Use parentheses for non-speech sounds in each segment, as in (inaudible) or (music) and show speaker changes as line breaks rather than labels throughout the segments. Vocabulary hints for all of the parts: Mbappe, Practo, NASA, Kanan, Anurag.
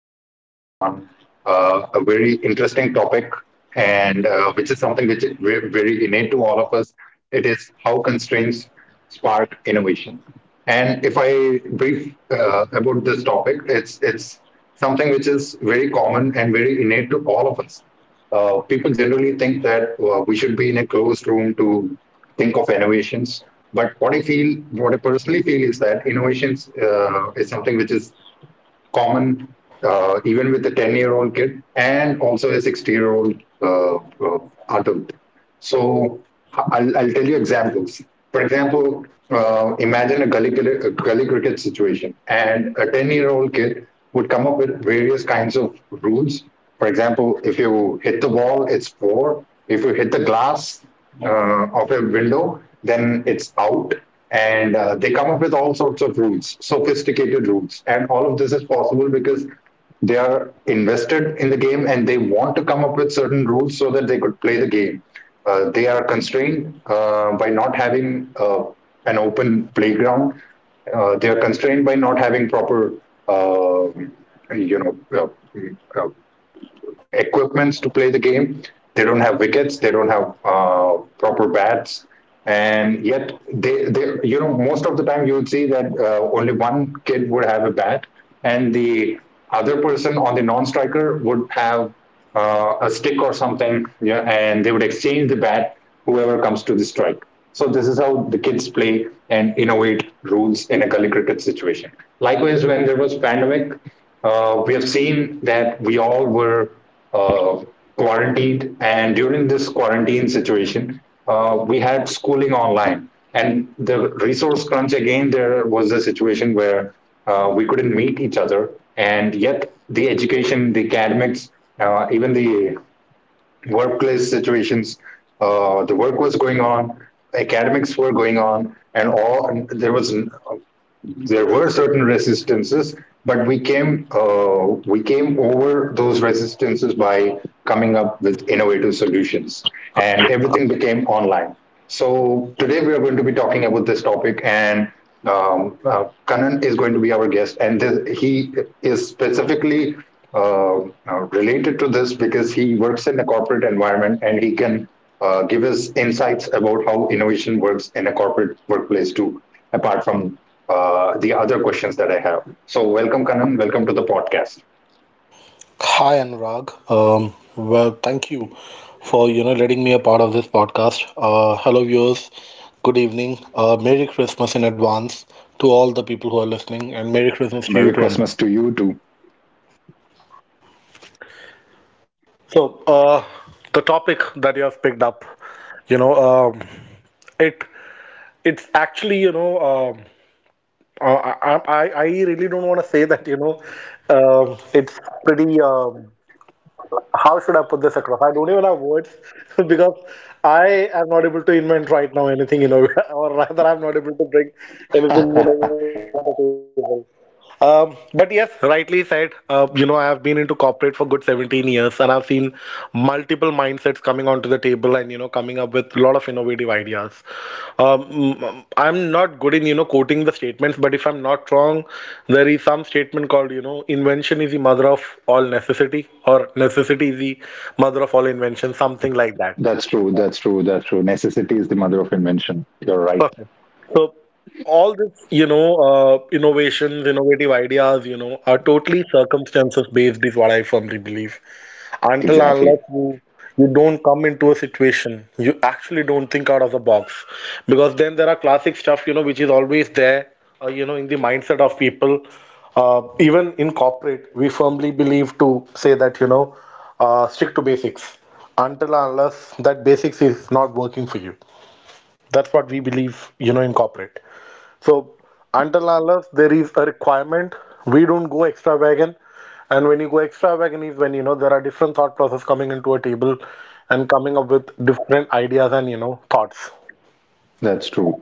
from Kanan on a very interesting topic, and which is something which is very innate to all of us. It is how constraints spark innovation. And if I brief about this topic, it's something which is very common and very innate to all of us. People generally think that we should be in a closed room to think of innovations. But what I feel, what I personally feel is that innovations is something which is common, even with a 10-year-old kid and also a 60-year-old uh, uh, adult. So I'll tell you examples. For example, imagine a gully cricket situation, and a 10-year-old kid would come up with various kinds of rules. For example, if you hit the ball, it's four. If you hit the glass of a window, then it's out, and they come up with all sorts of rules, sophisticated rules. And all of this is possible because they are invested in the game and they want to come up with certain rules so that they could play the game. They are constrained by not having an open playground. They are constrained by not having proper, uh, you know, uh, uh, equipments to play the game. They don't have wickets. They don't have proper bats, and yet they most of the time you would see that only one kid would have a bat, and the other person on the non-striker would have a stick or something, yeah, and they would exchange the bat. Whoever comes to the strike, so this is how the kids play and innovate rules in a gully cricket situation. Likewise, when there was pandemic, we have seen that we all were uh, quarantined, and during this quarantine situation, we had schooling online. And the resource crunch again, there was a situation where we couldn't meet each other, and yet the education, the academics, even the workplace situations. The work was going on, academics were going on, and all, and there were certain resistances, but we came over those resistances by coming up with innovative solutions, and everything became online. So today we are going to be talking about this topic, and Kanan is going to be our guest, and he is specifically uh, related to this because he works in a corporate environment and he can give us insights about how innovation works in a corporate workplace too, apart from the other questions that I have. So, welcome, Kanan. Welcome to the podcast.
Hi Anurag. Thank you for letting me a part of this podcast. Hello viewers. Good evening. Merry Christmas in advance to all the people who are listening, and Merry Christmas to
Merry
you too,
Christmas
Anurag.
to you too.
So, uh, the topic that you have picked up, you know, um, it it's actually I really don't want to say that it's pretty. How should I put this across? I don't even have words (laughs) because I am not able to invent right now anything innovative, (laughs) or rather, I'm not able to bring anything innovative on the table. But yes, rightly said. I have been into corporate for good 17 years, and I've seen multiple mindsets coming onto the table, and coming up with a lot of innovative ideas. I'm not good in, quoting the statements, but if I'm not wrong, there is some statement called, invention is the mother of all necessity, or necessity is the mother of all invention, something like that.
That's true. That's true. That's true. Necessity is the mother of invention. You're right.
Perfect. So all this, innovations, innovative ideas, are totally circumstances based, is what I firmly believe. Until and
Exactly.
unless you don't come into a situation, you actually don't think out of the box, because then there are classic stuff, which is always there, in the mindset of people. Even in corporate, we firmly believe to say that, stick to basics until and unless that basics is not working for you. That's what we believe, in corporate. So until unless there is a requirement, we don't go extravagant. And when you go extravagant is when there are different thought process coming into a table and coming up with different ideas and thoughts.
That's true.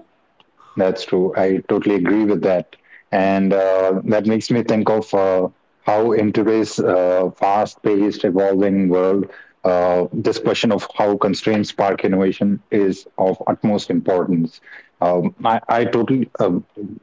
That's true. I totally agree with that. And that makes me think of how, in today's fast paced, evolving world, this question of how constraints spark innovation is of utmost importance. Um, I, I totally, uh,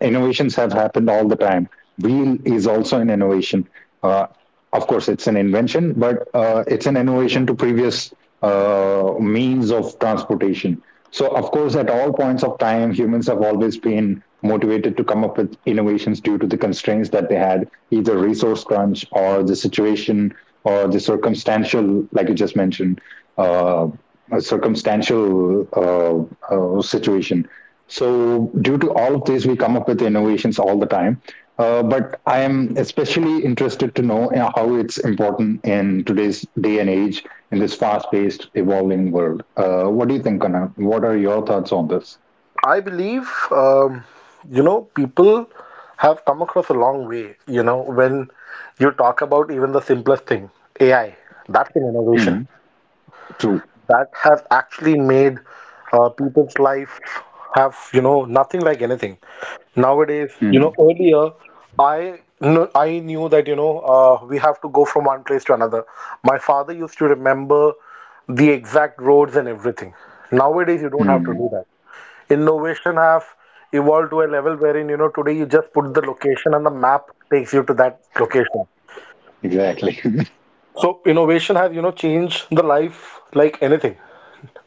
Innovations have happened all the time. Wheel is also an innovation. Uh, of course, it's an invention, but it's an innovation to previous means of transportation. So, of course, at all points of time, humans have always been motivated to come up with innovations due to the constraints that they had, either resource crunch or the situation or the circumstantial, like you just mentioned, uh, a circumstantial situation. So, due to all of this, we come up with innovations all the time. But I am especially interested to know, you know, how it's important in today's day and age in this fast-paced, evolving world. What do you think, Kanan? What are your thoughts on this?
I believe people have come across a long way. You know when you talk about even the simplest thing, AI, that's an innovation.
Mm, true.
That has actually made people's life have nothing like anything nowadays. You know
Mm,
earlier i I knew that we have to go from one place to another. My father used to remember the exact roads and everything. Nowadays you don't have to
mm,
do that. Innovation have evolved to a level wherein today you just put the location and the map takes you to that location.
exactly. (laughs)
So innovation has changed the life like anything.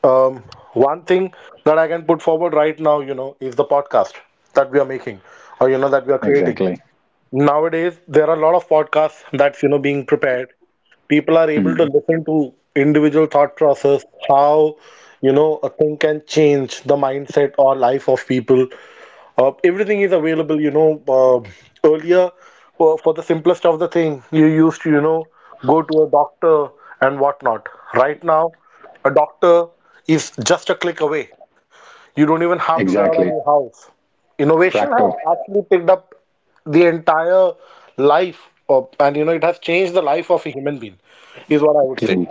um, One thing that I can put forward right now, is the podcast that we are making, or, that we are creating.
exactly.
Nowadays, there are a lot of podcasts that's, being prepared. People are able to
Mm,
listen to individual thought process, how, a thing can change the mindset or life of people. Everything is available, earlier, for the simplest of the thing, you used to, go to a doctor and whatnot. Right now, a doctor is just a click away. You don't even have to get out of
exactly.
your house. Innovation has
Practo.
actually picked up the entire life of, and it has changed the life of a human being, is what I would say.
True.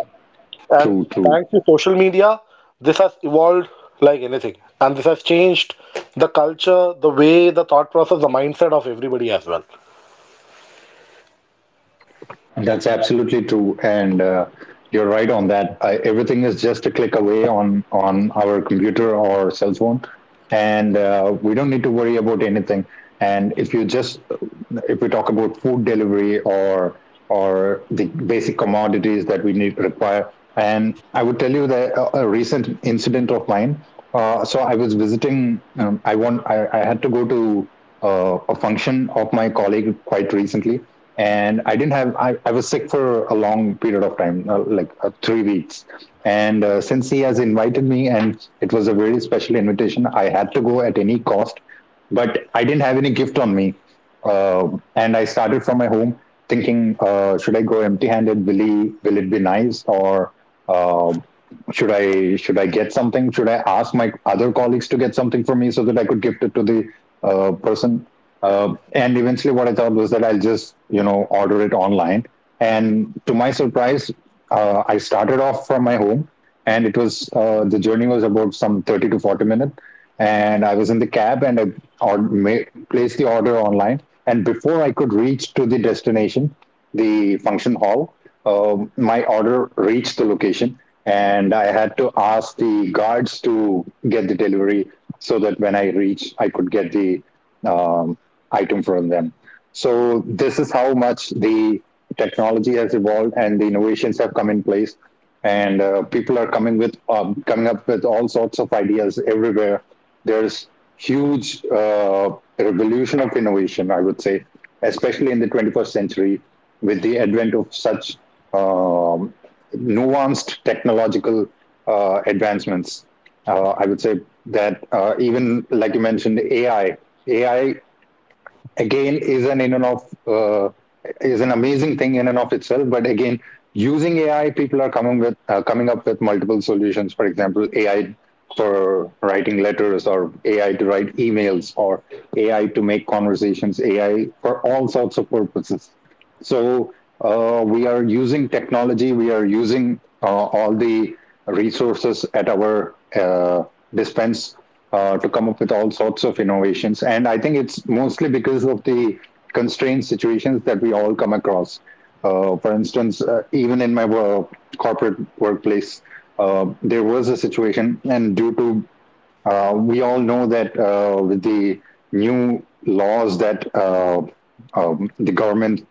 And
True. True.
thanks to social media, this has evolved like anything. And this has changed the culture, the way, the thought process, the mindset of everybody as well.
That's absolutely true, and you're right on that. Everything is just a click away on our computer or cell phone, and we don't need to worry about anything. And if you just if we talk about food delivery or the basic commodities that we need require, and I would tell you that a recent incident of mine. So I was visiting. I want. I had to go to a function of my colleague quite recently, and I didn't have I was sick for a long period of time, 3 weeks, and since he has invited me and it was a very special invitation, I had to go at any cost, but I didn't have any gift on me. uh, and I started from my home thinking, should I go empty handed, will he will it be nice, or uh, should I get something, should I ask my other colleagues to get something for me so that I could gift it to the person. And eventually, what I thought was that I'll just, you know, order it online. And to my surprise, I started off from my home, and it was the journey was about some 30 to 40 minutes. And I was in the cab, and I placed the order online. And before I could reach to the destination, the function hall, my order reached the location, and I had to ask the guards to get the delivery so that when I reach, I could get the um, item from them. So this is how much the technology has evolved and the innovations have come in place. And people are coming up with all sorts of ideas everywhere. There's huge revolution of innovation, I would say, especially in the 21st century with the advent of such um, nuanced technological advancements. I would say that even like you mentioned, AI, AI again is an in and of uh, is an amazing thing in and of itself. But again, using AI, people are coming up with multiple solutions. For example, AI for writing letters, or AI to write emails, or AI to make conversations, AI for all sorts of purposes. So we are using technology, we are using all the resources at our dispense to come up with all sorts of innovations. And I think it's mostly because of the constrained situations that we all come across. For instance, even in my corporate workplace, there was a situation, and due to we all know that with the new laws that the government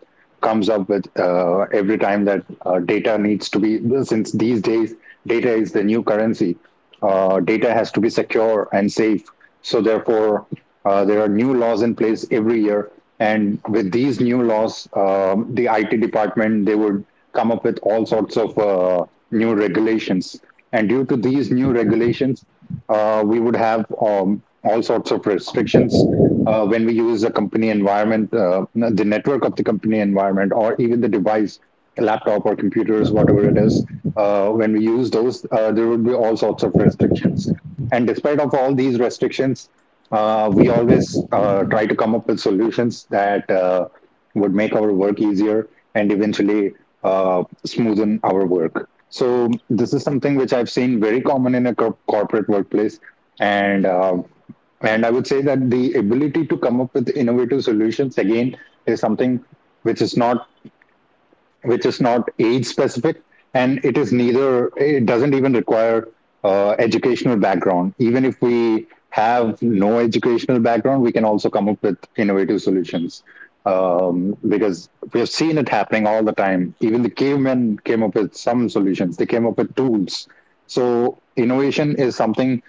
comes up with every time, that data needs to be, since these days data is the new currency, data has to be secure and safe. So, therefore, there are new laws in place every year. And with these new laws, the IT department they would come up with all sorts of new regulations. And due to these new regulations, we would have all sorts of restrictions when we use the company environment, the network of the company environment, or even the device, laptop or computers, whatever it is. When we use those, there would be all sorts of restrictions. And despite of all these restrictions, we always try to come up with solutions that would make our work easier and eventually smoothen our work. So this is something which I've seen very common in a corporate workplace, and I would say that the ability to come up with innovative solutions again is something which is not age specific, and it is neither it doesn't even require educational background. Even if we have no educational background, we can also come up with innovative solutions, because we have seen it happening all the time. Even the cavemen came up with some solutions, they came up with tools. So innovation is something,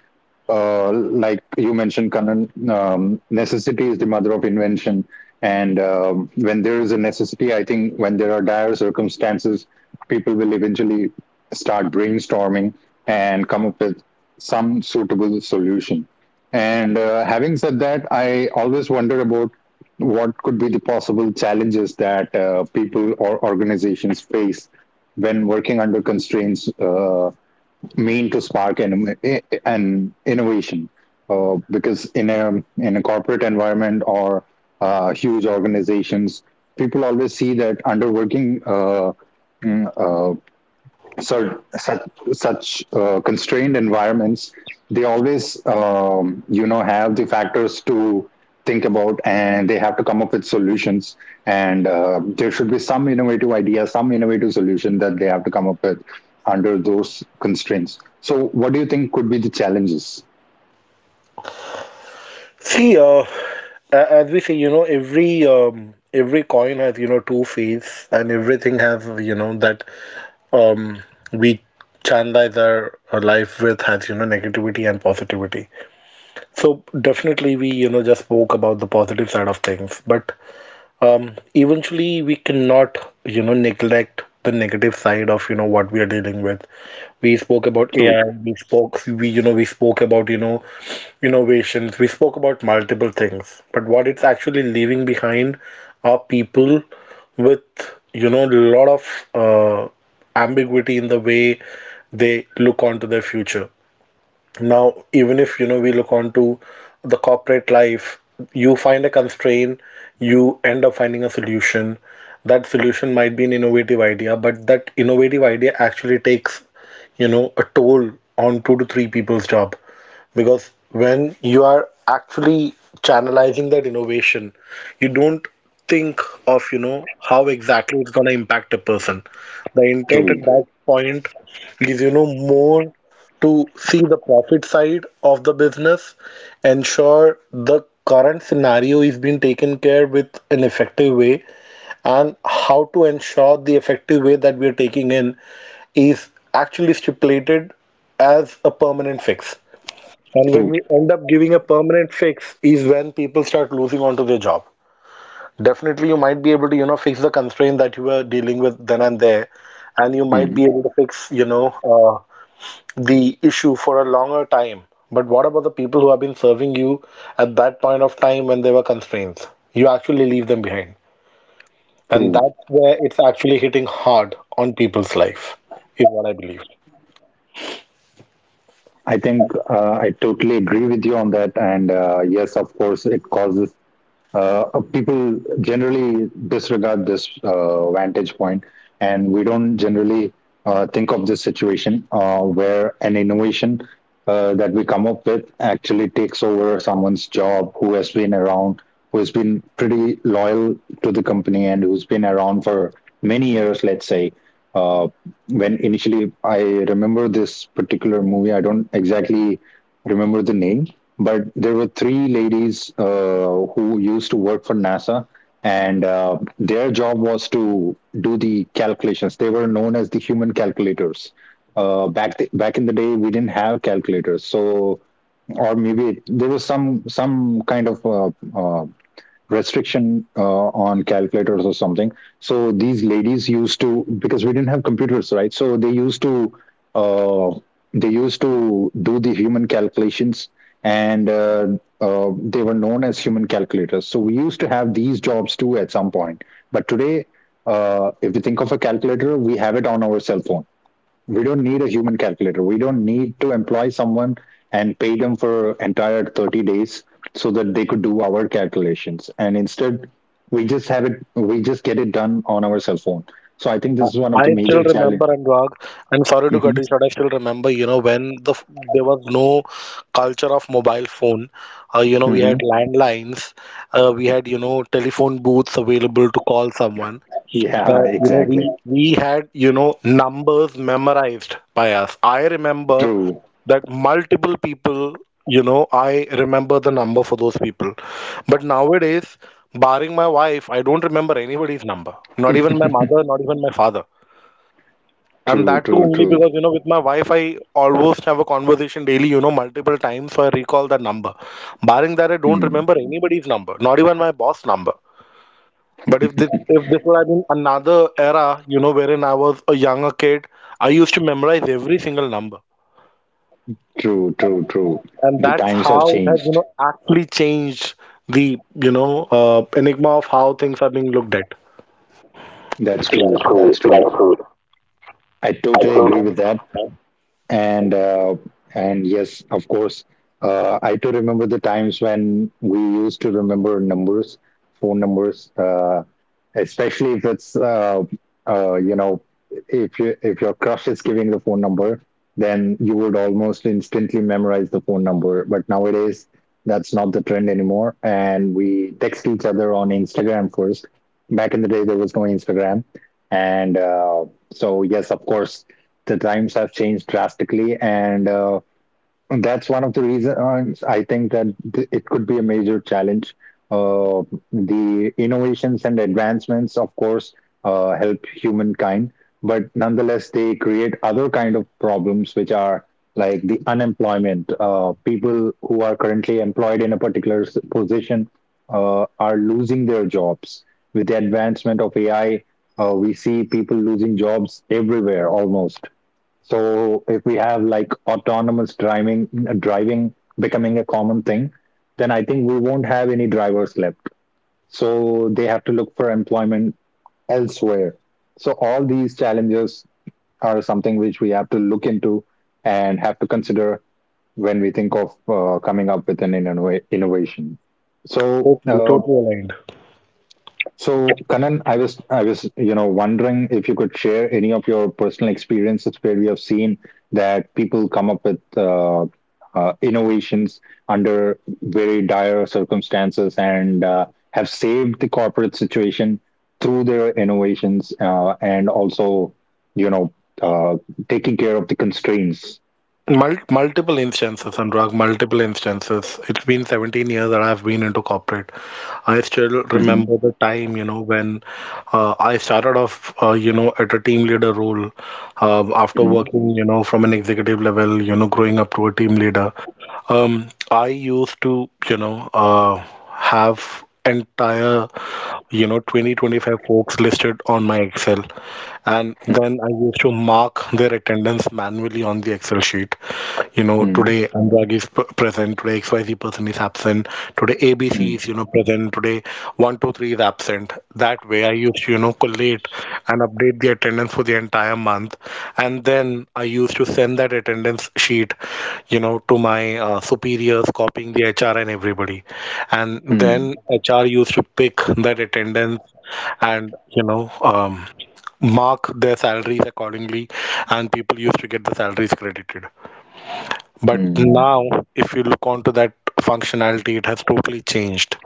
like you mentioned, Kanan, necessity is the mother of invention. And when there is a necessity, I think when there are dire circumstances, people will eventually start brainstorming and come up with some suitable solution. And Having said that, I always wonder about what could be the possible challenges that people or organizations face when working under constraints mean to spark an innovation because in a corporate environment or huge organizations people always see that underworking mm, uh, so such constrained environments they always have the factors to think about, and they have to come up with solutions. And There should be some innovative idea, some innovative solution that they have to come up with under those constraints. So what do you think could be the challenges?
See, uh, as we say, every coin has, two faces, and everything has, that um, we channelize our life with has, negativity and positivity. So definitely, we, just spoke about the positive side of things, but um, eventually we cannot neglect the negative side of what we are dealing with. We spoke about
True,
AI, we we spoke about, innovations, we spoke about multiple things, but what it's actually leaving behind are people with, a lot of uh, ambiguity in the way they look onto their future. Now, even if we look onto the corporate life, you find a constraint, you end up finding a solution. That solution might be an innovative idea, but that innovative idea actually takes, a toll on two to three people's job. Because when you are actually channelizing that innovation, you don't think of, how exactly it's gonna impact a person. The intent at
true,
that point is, more to see the profit side of the business, ensure the current scenario is being taken care with an effective way, and how to ensure the effective way that we are taking in is actually stipulated as a permanent fix. And when
true.
we end up giving a permanent fix is when people start losing onto their job. Definitely, you might be able to, fix the constraint that you were dealing with then and there, and you might be
Mhm.
able to fix, uh, the issue for a longer time. But what about the people who have been serving you at that point of time when there were constraints? You actually leave them behind. And
True.
that's where it's actually hitting hard on people's life, is what I believe.
I totally agree with you on that, and yes, of course it causes, uh, people generally disregard this vantage point, and we don't generally think of this situation where an innovation that we come up with actually takes over someone's job, who has been around, who has been pretty loyal to the company, and who's been around for many years, let's say. Uh, when initially I remember this particular movie, I don't exactly remember the name, but there were three ladies who used to work for NASA, and their job was to do the calculations. They were known as the human calculators. Back back in the day, we didn't have calculators, so or maybe there was some kind of uh, restriction on calculators or something. So these ladies used to, because we didn't have computers, right? So uh, they used to do the human calculations, and they were known as human calculators. So we used to have these jobs too at some point, but today. If you think of a calculator, we have it on our cell phone. We don't need a human calculator. We don't need to employ someone and pay them for entire 30 days so that they could do our calculations. And instead, we just have it, we just get it done on our cell phone. So I think this
I
is one of the
I still
major challenge.
remember, and Anurag, and sorry to
Mhm,
cut you short, I still remember, there was no culture of mobile phone. We had
mhm.
landlines, we had, telephone booths available to call someone.
Yeah,
Uh, you know, we
exactly.
we had, numbers memorized by us. I remember
True.
that multiple people, I remember the number for those people. But nowadays, barring my wife, I don't remember anybody's number. Not even my mother,
(laughs)
not even my father. And
True,
that too
true,
only
true.
because, with my wife, I almost have a conversation daily, multiple times, so I recall that number. Barring that, I don't
Hmm.
remember anybody's number, not even my boss number. But
(laughs)
if this would have been another era, wherein I was a younger kid, I used to memorize every single number,
True, true, true.
and
The
that's
times have
how it has, you
changed.
know, actually changed the, enigma of how things are being looked at.
That's
That's
true.
true.
That's true.
That's true.
I
I
totally agree
totally.
with that. and uh, and yes, of course, I too remember the times when we used to remember numbers, phone numbers, especially if it's uh, you know if you if your crush is giving the phone number, then you would almost instantly memorize the phone number. But nowadays, that's not the trend anymore, and we text each other on Instagram first. Back in the day, there was no Instagram. And So yes, of course, the times have changed drastically, and that's one of the reasons I think that it could be a major challenge. Uh, the innovations and advancements, of course, help humankind, but nonetheless, they create other kind of problems, which are like the unemployment. People who are currently employed in a particular position are losing their jobs. With the advancement of AI, we see people losing jobs everywhere almost. So if we have like autonomous driving, driving becoming a common thing, then I think we won't have any drivers left. So they have to look for employment elsewhere. So all these challenges are something which we have to look into and have to consider when we think of coming up with an innovation. So
Totally,
uh,
totally.
so, Kanan, I was wondering if you could share any of your personal experiences where we have seen that people come up with innovations under very dire circumstances, and have saved the corporate situation through their innovations, and also you know uh, taking care of the constraints.
Multiple instances, Anurag, multiple instances. It's been 17 years that I've been into corporate. I still
Mhm,
remember the time, when I started off, at a team leader role, after
mhm,
working, from an executive level, growing up to a team leader. I used to, have entire, 20, 25 folks listed on my Excel, and then I used to mark their attendance manually on the Excel sheet. You know,
mhm,
today Anurag is present, today XYZ person is absent, today ABC
mhm,
is, present, today 123 is absent. That way I used to, collate and update the attendance for the entire month. And then I used to send that attendance sheet, to my superiors, copying the HR and everybody. And
mhm,
then HR used to pick that attendance and, mark their salaries accordingly, and people used to get the salaries credited. But
mhm.
now,
(laughs)
if you look onto that functionality, it has totally changed.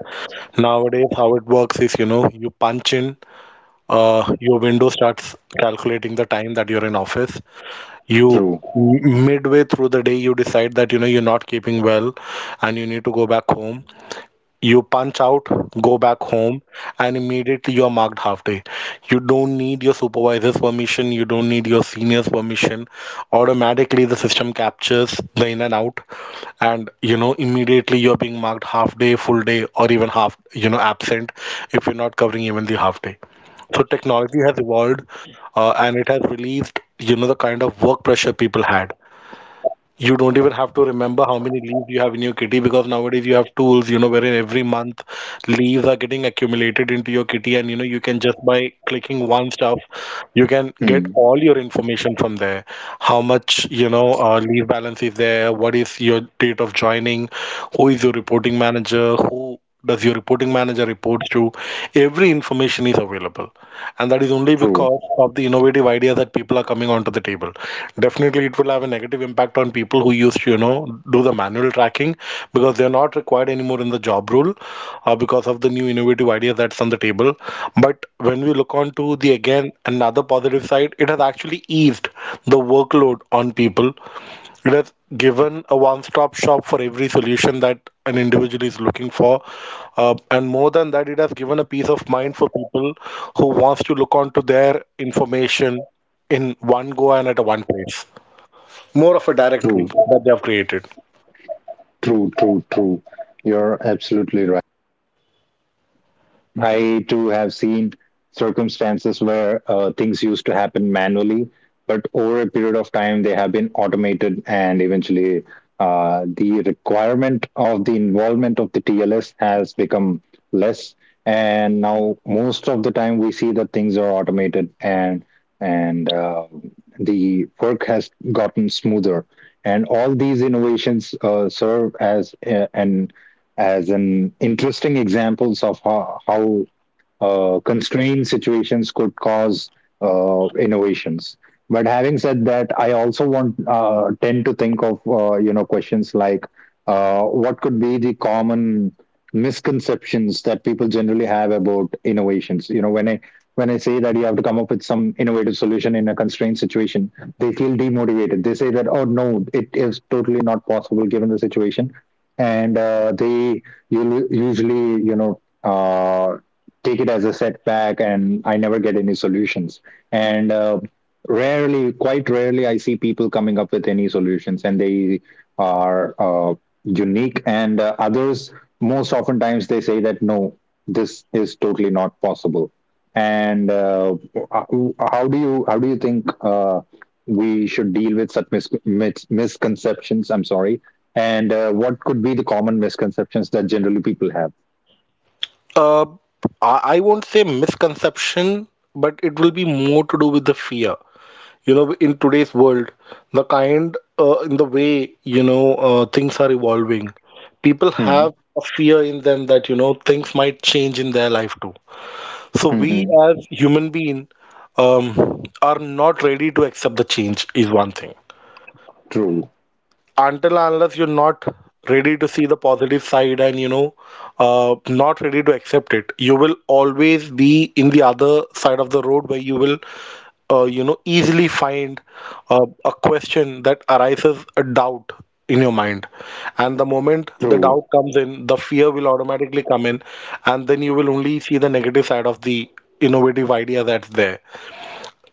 Nowadays how it works is, you punch in, your window starts calculating the time that you're in office. You
True.
midway through the day you decide that you're not keeping well and you need to go back home, you punch out, go back home, and immediately you're marked half day. You don't need your supervisor's permission, you don't need your senior's permission. Automatically, the system captures the in and out, and immediately you're being marked half day, full day, or even half, absent, if you're not covering even the half day. So, technology has evolved, and it has released, the kind of work pressure people had. You don't even have to remember how many leaves you have in your kitty, because nowadays you have tools, wherein every month leaves are getting accumulated into your kitty, and you can just by clicking one stuff, you can get
Mm.
all your information from there. How much, leave balance is there? What is your date of joining? Who is your reporting manager? Who does your reporting manager reports to? Every information is available, and that is only
True.
because of the innovative ideas that people are coming onto the table. Definitely it will have a negative impact on people who used to do the manual tracking because they are not required anymore in the job role, because of the new innovative ideas that's on the table. But when we look onto the again another positive side, it has actually eased the workload on people. It has given a one-stop shop for every solution that an individual is looking for. And more than that, it has given a peace of mind for people who wants to look onto their information in one go and at a one place. More of a directory
True.
that they have created.
True, true, true. You're absolutely right. I too have seen circumstances where things used to happen manually, but over a period of time, they have been automated, and eventually, the requirement of the involvement of the TLS has become less. And now, most of the time, we see that things are automated, and the work has gotten smoother. And all these innovations serve as an as an interesting examples of how constrained situations could cause innovations. But having said that, I also want tend to think of questions like what could be the common misconceptions that people generally have about innovations. You know, when I say that you have to come up with some innovative solution in a constrained situation, they feel demotivated. They say that, oh no, it is totally not possible given the situation, and they, you usually take it as a setback, and I never get any solutions. And Rarely, quite rarely I see people coming up with any solutions, and they are unique and others. Most oftentimes they say that no, this is totally not possible. And How do you think uh, we should deal with such misconceptions? I'm sorry. And What could be the common misconceptions that generally people have?
Uh, I won't say misconception, but it will be more to do with the fear. You know, in today's world, the kind in the way things are evolving, people
Hmm.
have a fear in them that you know things might change in their life too. So we
Hmm.
as human being, um, are not ready to accept the change is one thing.
True.
Until and unless you're not ready to see the positive side, and you know, not ready to accept it, you will always be in the other side of the road where you will, you know, easily find a question that arises, a doubt in your mind. And the moment the
True,
doubt comes in, the fear will automatically come in, and then you will only see the negative side of the innovative idea that's there.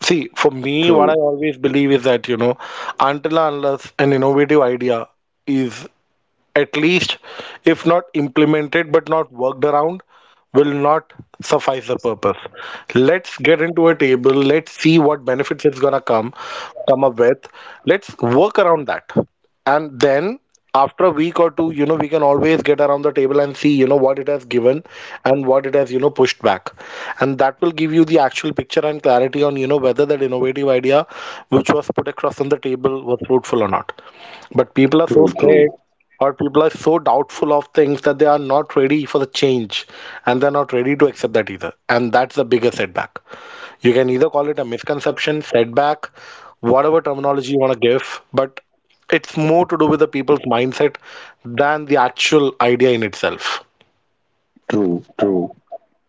See, for me, what I
true,
always believe is that, you know, until and unless an innovative idea is at least, if not implemented but not worked around, will not suffice the purpose. Let's get into a table, let's see what benefits it's gonna come up with. Let's work around that, and then after a week or two, you know, we can always get around the table and see, you know, what it has given and what it has, you know, pushed back. And that will give you the actual picture and clarity on, you know, whether that innovative idea which was put across on the table was fruitful or not. But people are so
true,
scared,
true,
or people are so doubtful of things that they are not ready for the change, and they're not ready to accept that either. And that's the bigger setback. You can either call it a misconception, setback, whatever terminology you want to give, but it's more to do with the people's mindset than the actual idea in itself.
true, true.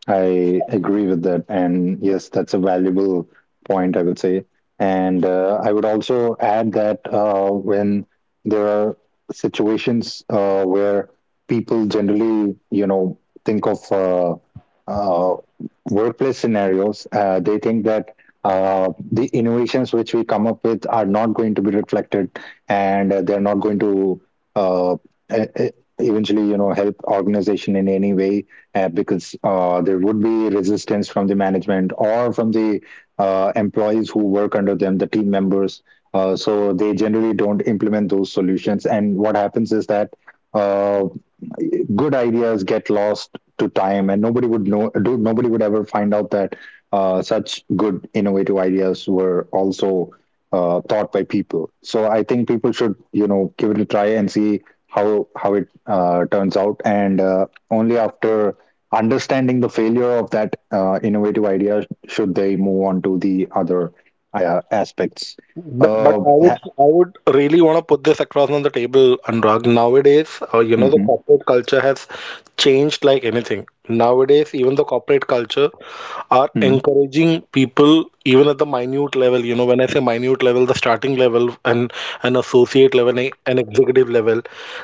I agree with that. And yes, that's a valuable point, I would say. And I would also add that when there are situations where people generally, you know, think of uh, workplace scenarios, they think that the innovations which we come up with are not going to be reflected, and they're not going to uh, e- e- eventually, you know, help organization in any way, because there would be resistance from the management or from the employees who work under them, the team members. So they generally don't implement those solutions. And what happens is that uh, good ideas get lost to time, and nobody would nobody would ever find out that such good innovative ideas were also thought by people. So I think people should, you know, give it a try and see how it turns out, and only after understanding the failure of that innovative idea should they move on to the other aspects.
But
uh,
I would,
ha-
I would really want to put this across on the table, Anurag. Nowadays, you know, the
Mhm.
corporate culture has changed like anything. Nowadays, even the corporate culture are
Hmm.
encouraging people, even at the minute level. You know, when I say minute level, the starting level and an associate level and an executive level,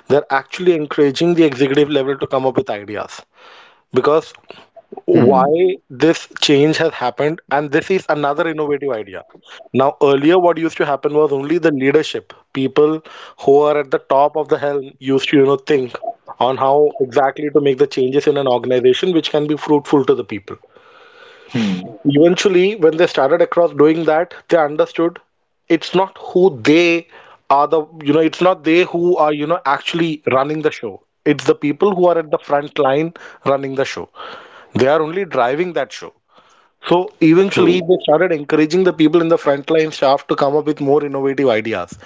they're actually encouraging the executive level to come up with ideas. Because why
Hmm.
this change has happened, and this is another innovative idea. Now earlier, what used to happen was only the leadership people who are at the top of the helm used to, you know, think on how exactly to make the changes in an organization which can be fruitful to the people.
Hmm. Hmm.
Eventually, when they started across doing that, they understood it's not who they are, the you know, it's not they who are, you know, actually running the show. It's the people who are at the front line running the show. They are only driving that show. So eventually,
True,
they started encouraging the people in the frontline staff to come up with more innovative ideas.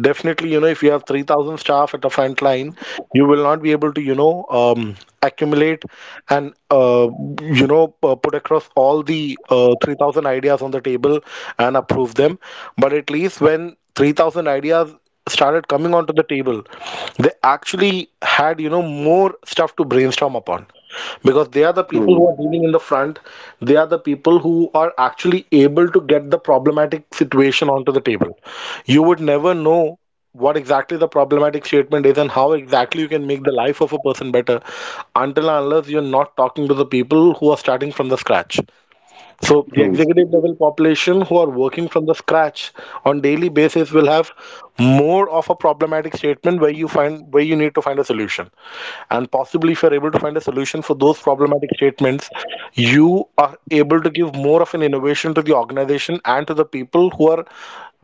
Definitely, you know, if you have 3,000 staff at a frontline, you will not be able to, you know, accumulate and, you know, put across all the 3,000 ideas on the table and approve them. But at least when 3,000 ideas started coming onto the table, they actually had, you know, more stuff to brainstorm upon. Because they are the people
true,
who are dealing in the front, they are the people who are actually able to get the problematic situation onto the table. You would never know what exactly the problematic statement is and how exactly you can make the life of a person better until and unless you're not talking to the people who are starting from the scratch. So the
true,
executive level population who are working from the scratch on daily basis will have more of a problematic statement where you find, where you need to find a solution. And possibly if you're able to find a solution for those problematic statements, you are able to give more of an innovation to the organization and to the people who are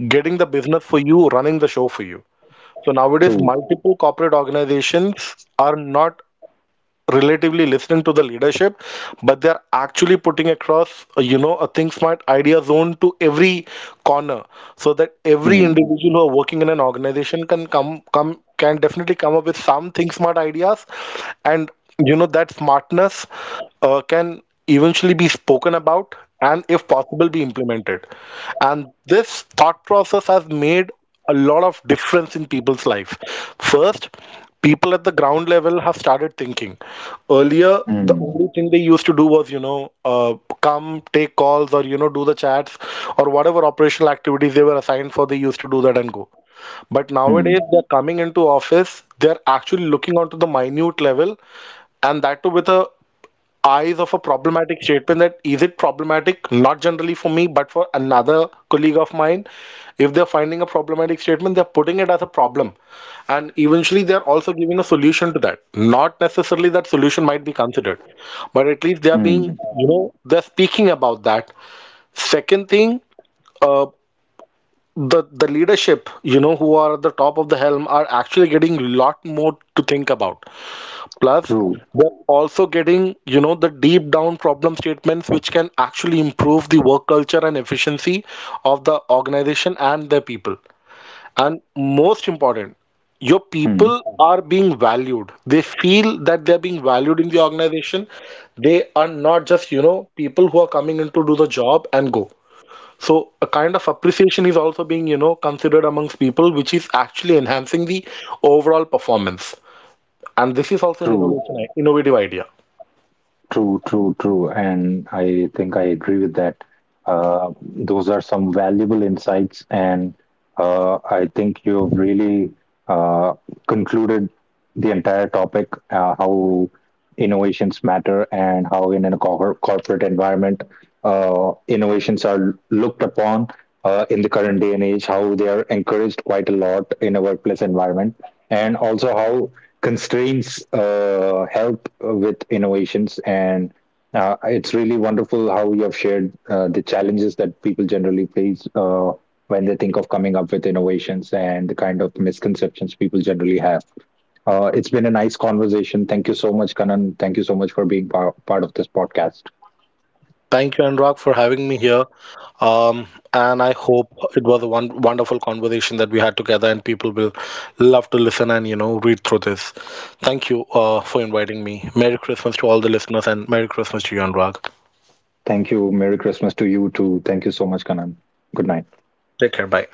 getting the business for you, running the show for you. So nowadays
true.
multiple corporate organizations are not relatively listening to the leadership, but they're actually putting across you know, a think smart idea zone to every corner, so that every
Hmm.
individual who are working in an organization can definitely come up with some think smart ideas. And you know, that smartness can eventually be spoken about, and if possible be implemented. And this thought process has made a lot of difference in people's life. First, people at the ground level have started thinking. Earlier, the
Hmm.
only thing they used to do was, you know, come, take calls, or, you know, do the chats, or whatever operational activities they were assigned for, they used to do that and go. But
Hmm.
nowadays, they're coming into office, they're actually looking onto the minute level, and that too with a eyes of a problematic statement. That is, it problematic not generally for me but for another colleague of mine? If they're finding a problematic statement, they're putting it as a problem, and eventually they're also giving a solution to that. Not necessarily that solution might be considered, but at least they're being,
Mm.
you know, they're speaking about that. Second thing, uh, the leadership, you know, who are at the top of the helm are actually getting a lot more to think about. Plus,
True.
they're also getting, you know, the deep down problem statements which can actually improve the work culture and efficiency of the organization and their people. And most important, your
Hmm.
people are being valued. They feel that they're being valued in the organization. They are not just, you know, people who are coming in to do the job and go. So a kind of appreciation is also being, you know, considered amongst people, which is actually enhancing the overall performance. And this is also an
True,
innovation, innovative idea.
true, true, true. And I think I agree with that. Uh, those are some valuable insights, and I think you've really uh, concluded the entire topic, how innovations matter and how in a corporate environment innovations are looked upon in the current day and age, how they are encouraged quite a lot in a workplace environment, and also how constraints help with innovations, and it's really wonderful how you have shared the challenges that people generally face when they think of coming up with innovations and the kind of misconceptions people generally have. It's been a nice conversation. Thank you so much, Kanan. Thank you so much for being part of this podcast.
Thank you, Anurag, for having me here. Um, and I hope it was a wonderful conversation that we had together, and people will love to listen and, you know, read through this. Thank you for inviting me. Merry Christmas to all the listeners, and Merry Christmas to you, Anurag.
Thank you. Merry Christmas to you too. Thank you so much, Kanan. Good night.
Take care. Bye.